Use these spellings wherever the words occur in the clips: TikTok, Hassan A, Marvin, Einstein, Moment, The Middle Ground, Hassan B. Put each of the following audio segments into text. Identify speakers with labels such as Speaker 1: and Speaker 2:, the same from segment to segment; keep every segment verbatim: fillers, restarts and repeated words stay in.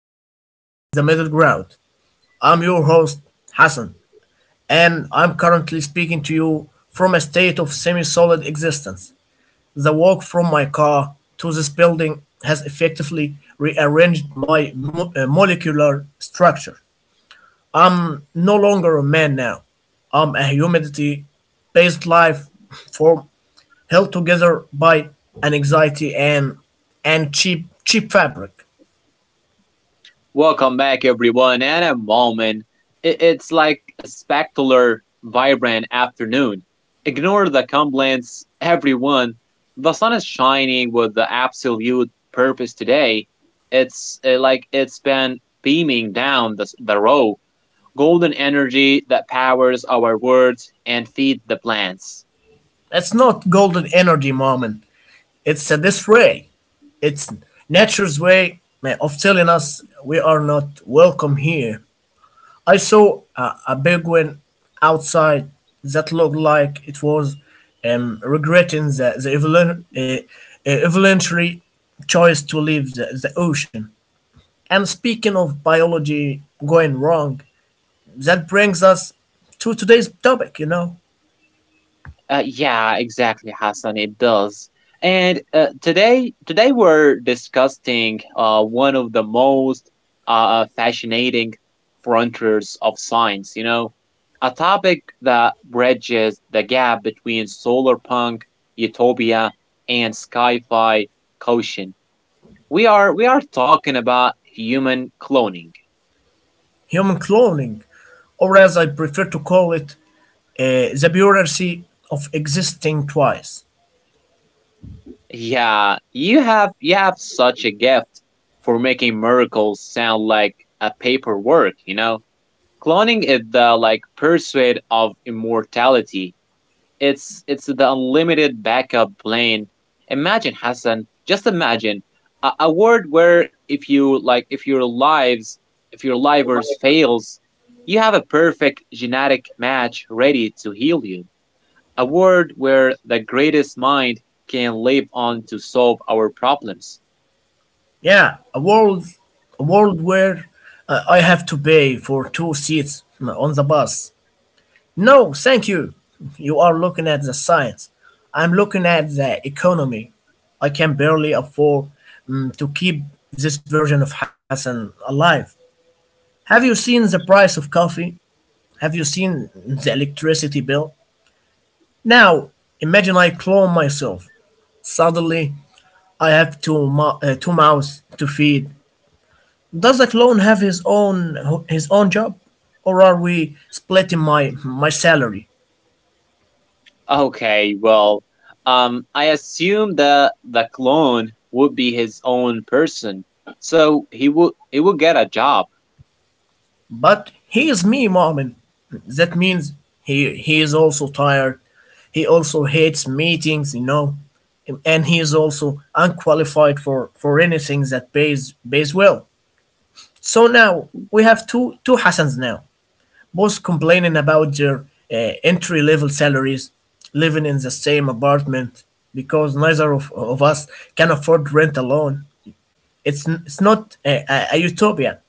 Speaker 1: episode of The Middle Ground. I'm your host, Hassan, and I'm currently speaking to you from a state of semi solid existence. The walk from my car to this building has effectively rearranged my mo- uh, molecular structure. No longer a man now. I'm a humidity based life form held together by an anxiety and and cheap cheap fabric.
Speaker 2: Welcome back, everyone, and a moment. i- It's like a spectacular, vibrant afternoon. Ignore the complaints, everyone. The sun is shining with the absolute purpose today. It's uh, like it's been beaming down the, s- the row, golden energy that powers our words and feed the plants.
Speaker 1: It's not golden energy, mom. It's uh, this way. It's nature's way uh, of telling us we are not welcome here. I saw a, a big outside that looked like it was um, regretting the, the evolu- uh, uh, evolutionary choice to leave the, the ocean. And speaking of biology going wrong, that brings us to today's topic, you know,
Speaker 2: Uh, yeah, exactly, Hassan. It does. And uh, today, today we're discussing uh, one of the most uh, uh, fascinating frontiers of science. You know, a topic that bridges the gap between solar punk utopia and sci-fi caution. We are we are talking about human cloning.
Speaker 1: human cloning, or as I prefer to call it, uh, the bureaucracy of existing twice.
Speaker 2: Yeah, you have you have such a gift for making miracles sound like a paperwork, you know? Cloning is the like pursuit of immortality. It's it's the unlimited backup plan. Imagine Hassan, just imagine a, a world where if you like if your lives if your livers fails, you have a perfect genetic match ready to heal you a world where the greatest mind can live on to solve our problems.
Speaker 1: Yeah, a world, a world where uh, I have to pay for two seats on the bus. No, thank you. You are looking at the science. I'm looking at the economy. I can barely afford mm, to keep this version of Hassan alive. Have you seen the price of coffee? Have you seen the electricity bill? Now, imagine I clone myself. Suddenly, I have two mou- uh, two mouths to feed. Does the clone have his own his own job, or are we splitting my my salary?
Speaker 2: Okay, well, um, I assume that the clone would be his own person, so he would he would get a job.
Speaker 1: But he is me, Marvin. That means he he is also tired. He also hates meetings, you know, and he is also unqualified for for anything that pays pays well. So now we have two two Hassans now, both complaining about their uh, entry level salaries, living in the same apartment because neither of, of us can afford rent alone. It's, n- it's not a, a, a utopia,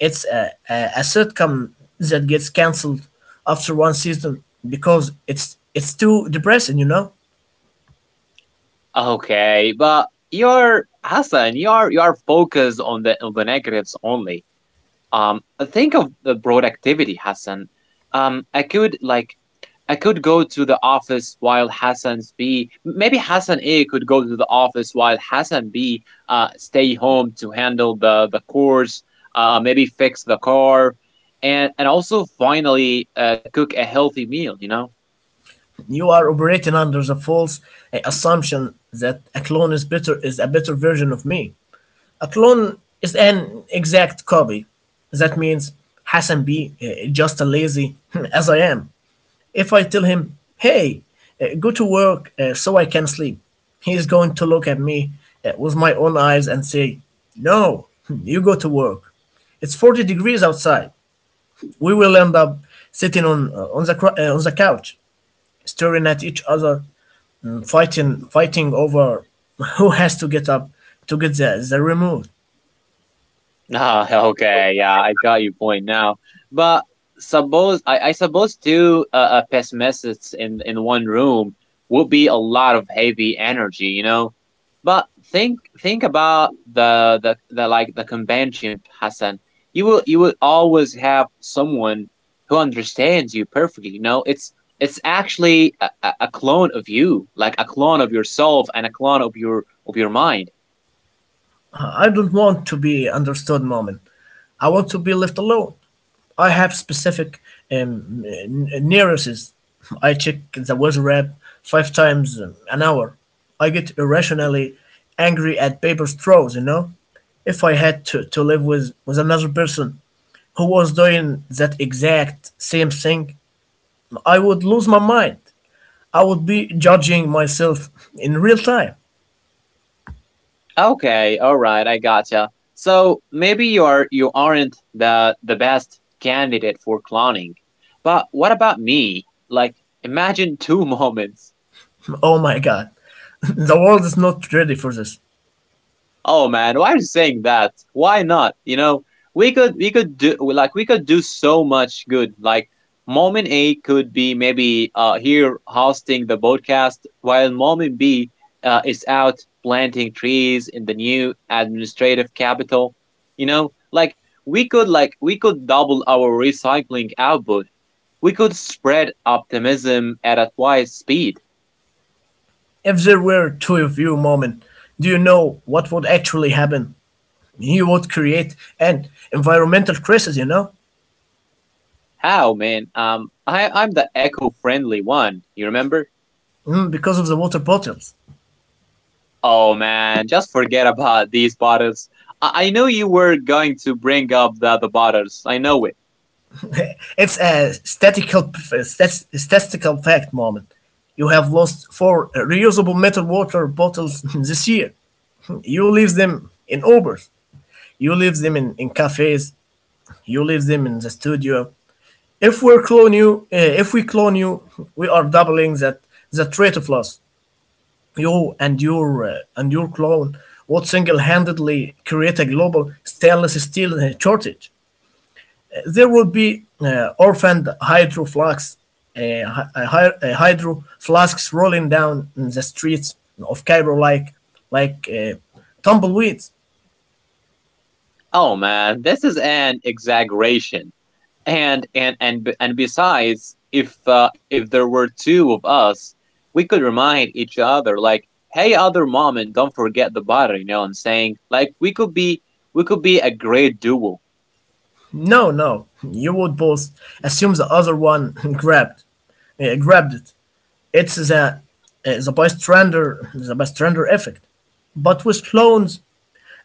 Speaker 1: it's a, a, a sitcom that gets cancelled after one season because it's it's too depressing, you know?
Speaker 2: Okay, but you're Hassan, you're you're focused on the on the negatives only. Um, think of the broad activity, Hassan. Um, I could like, I could go to the office while Hassan B. Maybe Hassan A. could go to the office while Hassan B. Uh, stay home to handle the the course. Uh, maybe fix the car, and and also finally uh, cook a healthy meal. You know.
Speaker 1: You are operating under the false uh, assumption that a clone is better is a better version of me. A clone is an exact copy. That means Hassan be uh, just as lazy as I am. If I tell him, hey, uh, go to work uh, so I can sleep, he is going to look at me uh, with my own eyes and say, no, you go to work. It's forty degrees outside. We will end up sitting on, uh, on, the, cr- uh, on the couch, staring at each other and fighting, fighting over who has to get up to get the, the remote.
Speaker 2: Ah, okay, yeah, I got your point now. But suppose I, I suppose two uh, uh, pessimists in in one room would be a lot of heavy energy, you know. But think think about the the, the like the convention, Hassan. You will you will always have someone who understands you perfectly. You know, it's it's actually a, a a clone of you, like a clone of yourself and a clone of your of your mind.
Speaker 1: I don't want to be understood, Moment. I want to be left alone. I have specific um, n- neuroses. I check the weather app five times an hour. I get irrationally angry at paper straws, you know? If I had to, to live with, with another person who was doing that exact same thing, I would lose my mind. I would be judging myself in real time.
Speaker 2: Okay, all right, I gotcha. So maybe you are you aren't the the best candidate for cloning. But what about me? Like imagine two moments.
Speaker 1: Oh my god. The world is not ready for this.
Speaker 2: Oh man, why are you saying that? Why not? You know, we could we could do like we could do so much good. Like Moment A could be maybe uh here hosting the podcast while Moment B uh, is out planting trees in the new administrative capital. You know, like we could like we could double our recycling output. We could spread optimism at a twice speed.
Speaker 1: If there were two of you, Moment, do you know what would actually happen? You would create an environmental crisis, you know.
Speaker 2: How, man? Um, I, I'm the eco-friendly one. You remember?
Speaker 1: Mm, because of the water bottles.
Speaker 2: Oh man, just forget about these bottles. I, I knew you were going to bring up the other bottles. I know it.
Speaker 1: It's a statistical, stat- statistical fact, Moment. You have lost four reusable metal water bottles this year. You leave them in Ubers. You leave them in, in cafes. You leave them in the studio. If we clone you, uh, if we clone you, we are doubling that that rate of loss. You and your uh, and your clone would single-handedly create a global stainless steel uh, shortage. Uh, There would be uh, orphaned hydro flasks, uh, hy- uh, hy- uh, hydro flasks rolling down in the streets of Cairo like like uh, tumbleweeds.
Speaker 2: Oh man, this is an exaggeration. And and and b- and besides, if uh, if there were two of us, we could remind each other like, "Hey, other mom, and don't forget the bottle." You know what I'm saying? Like we could be we could be a great duo.
Speaker 1: No, no, you would both assume the other one grabbed uh, grabbed it. It's the uh, the bystander the bystander effect. But with clones,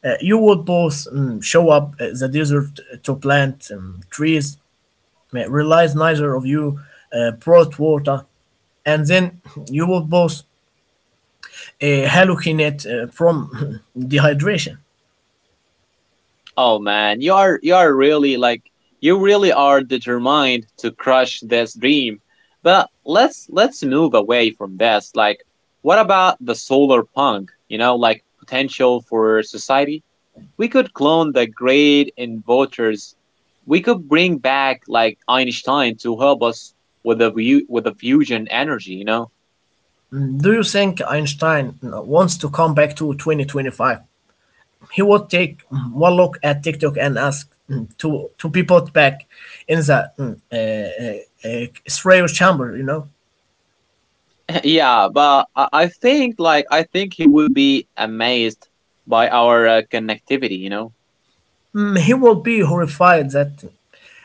Speaker 1: Uh, you would both um, show up uh, the desert to plant um, trees, uh, realize neither of you uh, brought water, and then you would both uh, hallucinate uh, from dehydration.
Speaker 2: Oh man, you are you are really like you really are determined to crush this dream. But let's let's move away from this. Like what about the solar punk, you know, like potential for society? We could clone the great inventors. We could bring back like Einstein to help us with the view with the fusion energy, you know?
Speaker 1: Mm, Do you think Einstein uh, wants to come back to twenty twenty-five? He would take mm, one look at TikTok and ask mm, to to be put back in the mm, uh, uh, uh, Israel chamber, you know?
Speaker 2: yeah, but I, I think like I think he would be amazed by our uh, connectivity, you know?
Speaker 1: He will be horrified that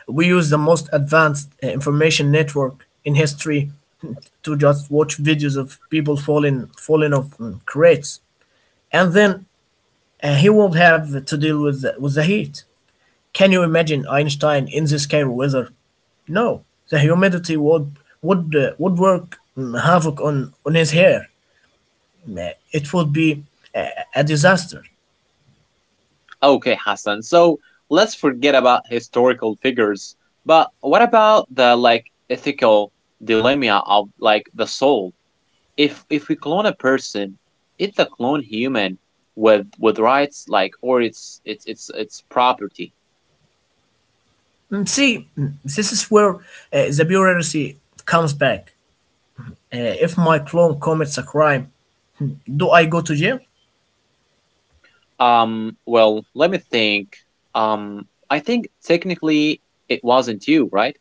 Speaker 1: we use the most advanced uh, information network in history to just watch videos of people falling falling off um, crates, and then uh, he will have to deal with the, with the heat. Can you imagine Einstein in this kind of weather? No, the humidity would would uh, would work um, havoc on on his hair. Uh, It would be a, a disaster.
Speaker 2: Okay, Hassan. So let's forget about historical figures, but what about the like ethical dilemma of like the soul? If if we clone a person, is the clone human with with rights like or it's it's it's it's property?
Speaker 1: Mm, See, mm, this is where uh, the bureaucracy comes back. Uh, if my clone commits a crime, do I go to jail?
Speaker 2: Um, well, let me think. Um, I think technically it wasn't you, right?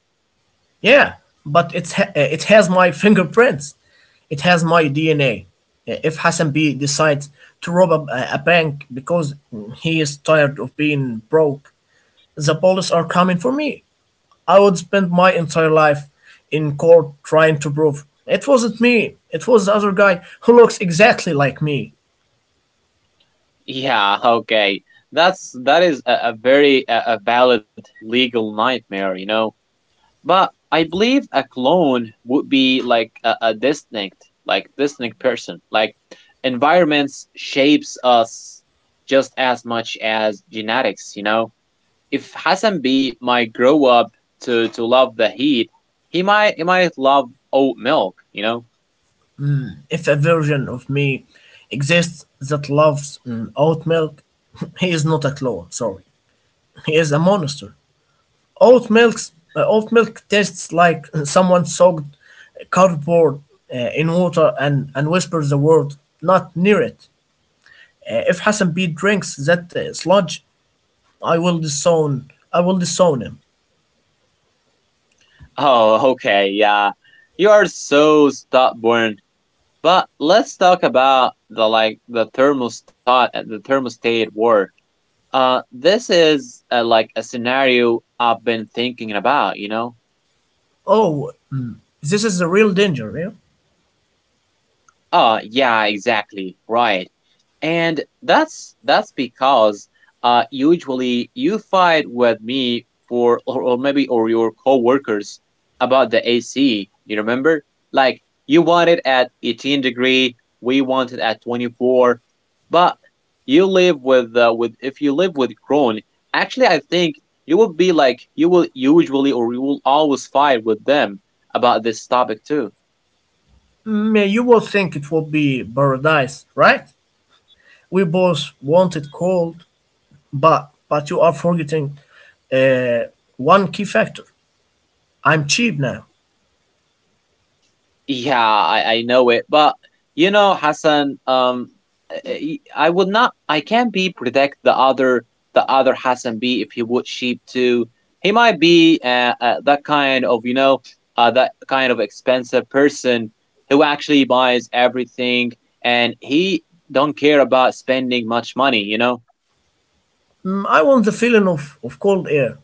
Speaker 1: Yeah, but it's ha- uh, it has my fingerprints. It has my D N A. Uh, If Hassan B decides to rob a, a bank because he is tired of being broke, the police are coming for me. I would spend my entire life in court trying to prove it wasn't me. It was the other guy who looks exactly like me.
Speaker 2: Yeah, okay. That's that is a, a very a, a valid legal nightmare, you know. But I believe a clone would be like a, a distinct, like distinct person. Like environments shapes us just as much as genetics, you know? If Hassan B might grow up to, to love the heat, he might he might love oat milk, you know?
Speaker 1: If a version of me exists that loves mm, oat milk, he is not a clone, sorry. He is a monster. Oat milk's, uh, oat milk tastes like mm, someone soaked cardboard uh, in water and, and whispers the word, not near it. Uh, if Hassan B drinks that uh, sludge, I will disown, I will disown him.
Speaker 2: Oh, okay, yeah. You are so stubborn. But let's talk about the like the thermostat the thermostat war. Uh, this is uh, like a scenario I've been thinking about, you know?
Speaker 1: Oh, mm, this is the real danger, yeah?
Speaker 2: Uh, yeah, exactly, right. And that's that's because uh usually you fight with me for or, or maybe or your coworkers about the A C, you remember? Like you want it at eighteen degree, we want it at twenty-four. But you live with uh, with if you live with Kron, actually I think you will be like you will usually or you will always fight with them about this topic too.
Speaker 1: Mm, yeah, you will think it will be paradise, right? We both want it cold, But but you are forgetting uh, one key factor. I'm cheap now.
Speaker 2: Yeah, I, I know it, but you know, Hassan, um, I, I would not, I can't be predict the other, the other Hassan B if he would sheep to. He might be uh, uh, that kind of, you know, uh, that kind of expensive person who actually buys everything and he don't care about spending much money, you know.
Speaker 1: Mm, I want the feeling of, of cold air,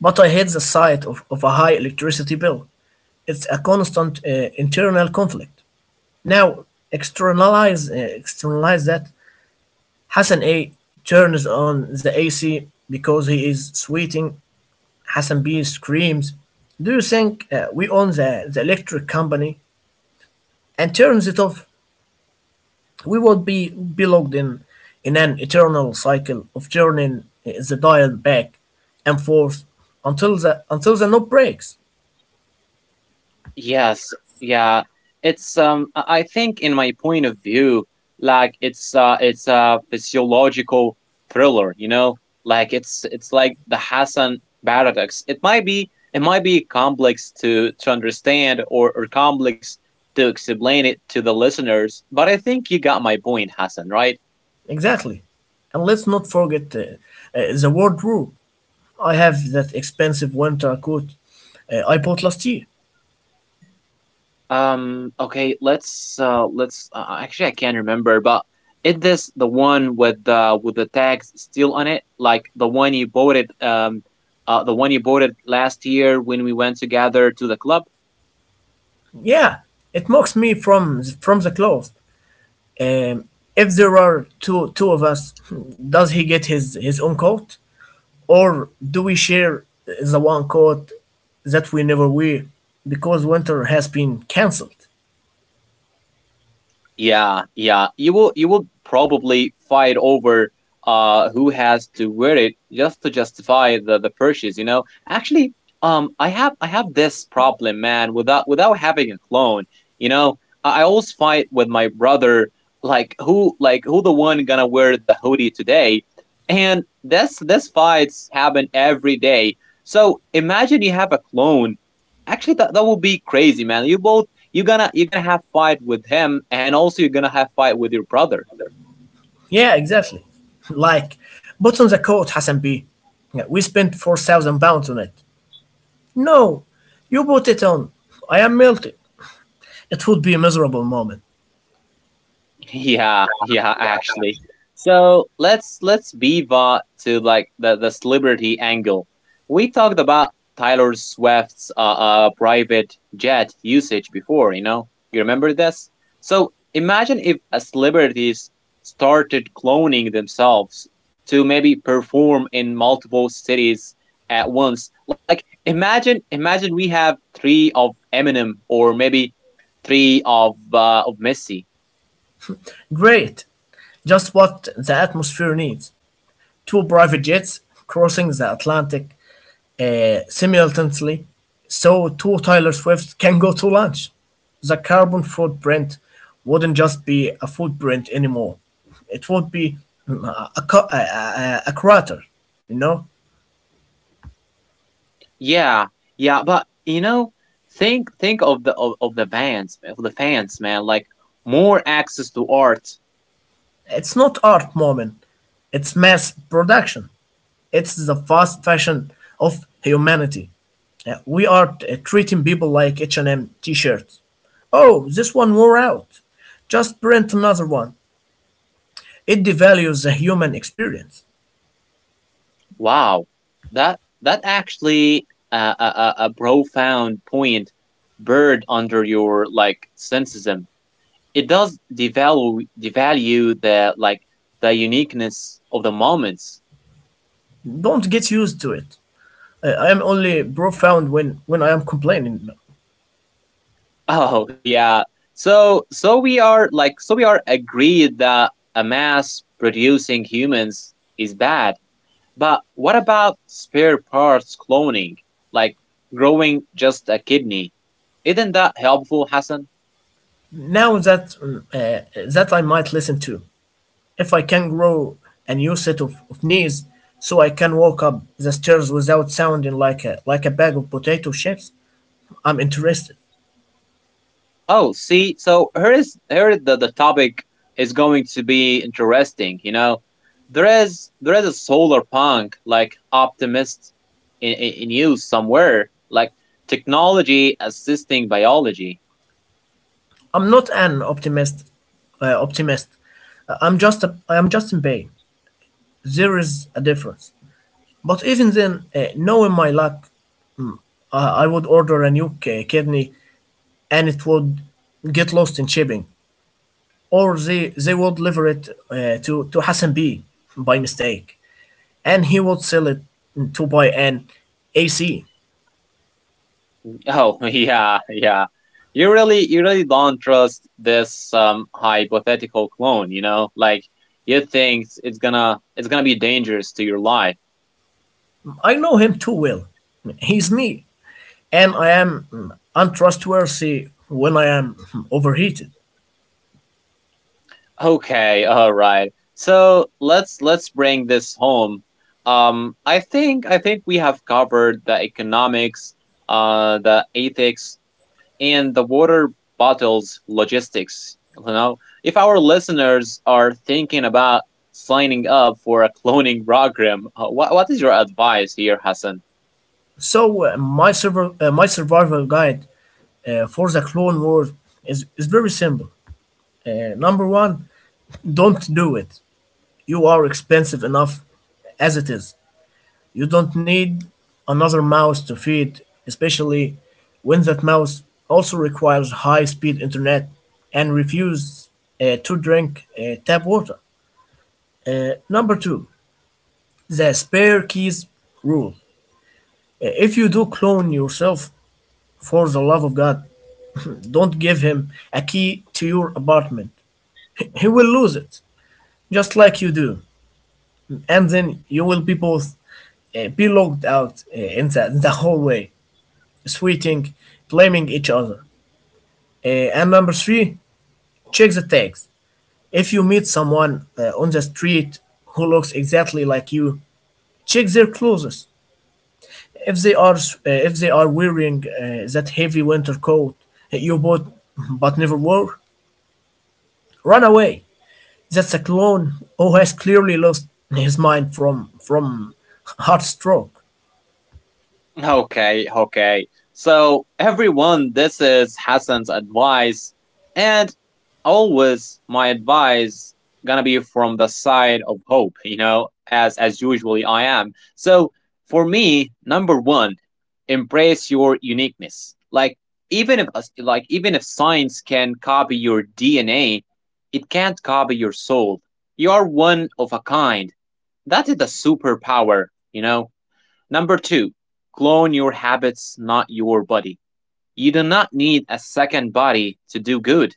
Speaker 1: but I hate the sight of, of a high electricity bill. It's a constant uh, internal conflict. Now externalize uh, externalize that. Hassan A turns on the A C because he is sweating. Hassan B screams. Do you think uh, we own the, the electric company and turns it off? We would be, be locked in, in an eternal cycle of turning the dial back and forth until the, until the knob breaks.
Speaker 2: Yes, yeah. It's um I I think in my point of view, like it's uh it's a physiological thriller, you know? Like it's it's like the Hassan paradox. It might be it might be complex to to understand or, or complex to explain it to the listeners, but I think you got my point, Hassan, right?
Speaker 1: Exactly. And let's not forget uh, uh, the wardrobe. I have that expensive winter coat uh, I bought last year.
Speaker 2: Um. Okay. Let's. Uh. Let's. Uh, actually, I can't remember. But is this the one with the with the tags still on it? Like the one you bought it. Um. Uh. The one you bought it last year when we went together to the club.
Speaker 1: Yeah, it mocks me from the, from the cloth. Um, if there are two two of us, does he get his his own coat? Or do we share the one coat that we never wear because winter has been cancelled?
Speaker 2: Yeah, yeah. You will you will probably fight over uh who has to wear it just to justify the the purchase, you know? Actually, um I have I have this problem, man, without without having a clone, you know? I, I always fight with my brother like who like who the one gonna wear the hoodie today? And this this fights happen every day. So imagine you have a clone. Actually that that would be crazy, man. You both you're gonna you're gonna have fight with him and also you're gonna have fight with your brother.
Speaker 1: Yeah, exactly. Like, put on the coat, Hassan B. Yeah, we spent four thousand pounds on it. No, you put it on. I am melting. It would be a miserable moment.
Speaker 2: Yeah, yeah, actually. So let's let's pivot to like the the celebrity angle. We talked about Tyler Swift's uh, uh private jet usage before, you know. You remember this? So imagine if a celebrities started cloning themselves to maybe perform in multiple cities at once. Like imagine imagine we have three of Eminem or maybe three of uh, of Messi.
Speaker 1: Great. Just what the atmosphere needs. Two private jets crossing the Atlantic uh, simultaneously, so two Taylor Swifts can go to lunch. The carbon footprint wouldn't just be a footprint anymore; it would be mm, a, a, co- a, a- a crater. You know,
Speaker 2: Yeah, yeah, but you know, think think of the of, of the fans of the fans, man. Like more access to art.
Speaker 1: it's not art, moment. It's mass production. It's the fast fashion of humanity. Uh, we are uh, treating people like h and M shirts. Oh, this one wore out. Just print another one. It devalues the human experience.
Speaker 2: Wow, that that actually uh, a a, a profound point. Bird under your like cynicism. It does devalue devalue the like the uniqueness of the moments.
Speaker 1: Don't get used to it. I, I am only profound when, when I am complaining.
Speaker 2: Oh yeah. So so we are like so we are agreed that a mass producing humans is bad. But what about spare parts cloning, like growing just a kidney? Isn't that helpful, Hassan?
Speaker 1: Now that mm, uh, that I might listen to, if I can grow a new set of, of knees, so I can walk up the stairs without sounding like a like a bag of potato chips, I'm interested.
Speaker 2: Oh, see, so here is here the, the topic is going to be interesting, you know. There is there is a solar punk like optimist in, in, in use somewhere, like technology assisting biology.
Speaker 1: I'm not an optimist. Uh, optimist. I- I'm just a, I am just in pain. There is a difference. But even then, uh, knowing my luck, I I would order a new ki- kidney and it would get lost in shipping, or they they would deliver it uh, to to Hassan B by mistake, and he would sell it to buy an A C.
Speaker 2: Oh, yeah, yeah. You really, you really don't trust this um, hypothetical clone. You know, like you think it's gonna, it's gonna be dangerous to your life.
Speaker 1: I know him too well. He's me, and I am mm, untrustworthy when I am mm, overheated.
Speaker 2: Okay, all right. So let's let's bring this home. Um, I think I think we have covered the economics, uh, the ethics, and the water bottles logistics. You know, if our listeners are thinking about signing up for a cloning program, uh, what, what is your advice here, Hassan?
Speaker 1: So uh, my server, uh, my survival guide uh, for the Clone Wars is is very simple. Uh, number one, don't do it. You are expensive enough as it is. You don't need another mouse to feed, especially when that mouse also requires high speed internet and refuses uh, to drink uh, tap water. Uh, number two, the spare keys rule. Uh, If you do clone yourself, for the love of God, don't give him a key to your apartment. He will lose it, just like you do. And then you will be both uh, be locked out uh, in the, the hallway, sweating, blaming each other. Uh, and number three, check the tags. If you meet someone uh, on the street who looks exactly like you, check their clothes. If they are uh, if they are wearing uh, that heavy winter coat you bought but never wore, run away. That's a clone who has clearly lost his mind from from heartstroke.
Speaker 2: Okay, okay. So, everyone, this is Hassan's advice. And always, my advice gonna be from the side of hope, you know, as as usually I am. So, for me, number one, embrace your uniqueness. Like even if like even if science can copy your D N A, it can't copy your soul. You are one of a kind. That is the superpower, you know. Number two, clone your habits, not your body. You do not need a second body to do good.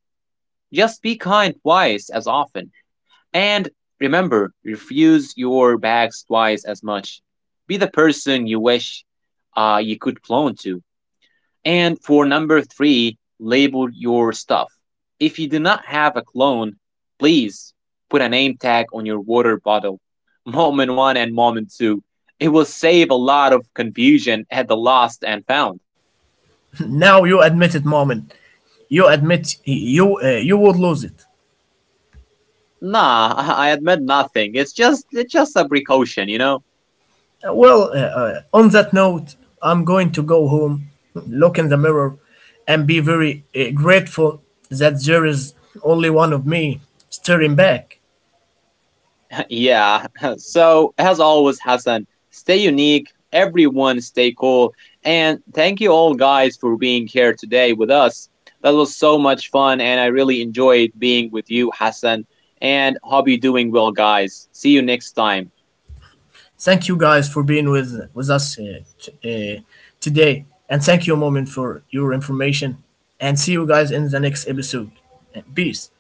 Speaker 2: Just be kind twice as often. And remember, refuse your bags twice as much. Be the person you wish uh, you could clone to. And for number three, label your stuff. If you do not have a clone, please put a name tag on your water bottle. Moment one and moment two. It will save a lot of confusion at the lost and found.
Speaker 1: Now you admit it, moment. You admit you uh, you would lose it.
Speaker 2: Nah, I admit nothing. It's just it's just a precaution, you know?
Speaker 1: Uh, Well, uh, uh, on that note, I'm going to go home, look in the mirror, and be very uh, grateful that there is only one of me staring back.
Speaker 2: Yeah. So, as always, Hassan, stay unique, everyone stay cool, and thank you all guys for being here today with us. That was so much fun, and I really enjoyed being with you, Hassan, and hope you're doing well, guys. See you next time.
Speaker 1: Thank you guys for being with with us uh, t- uh, today, and thank you, Moment, for your information. And see you guys in the next episode. Uh, Peace.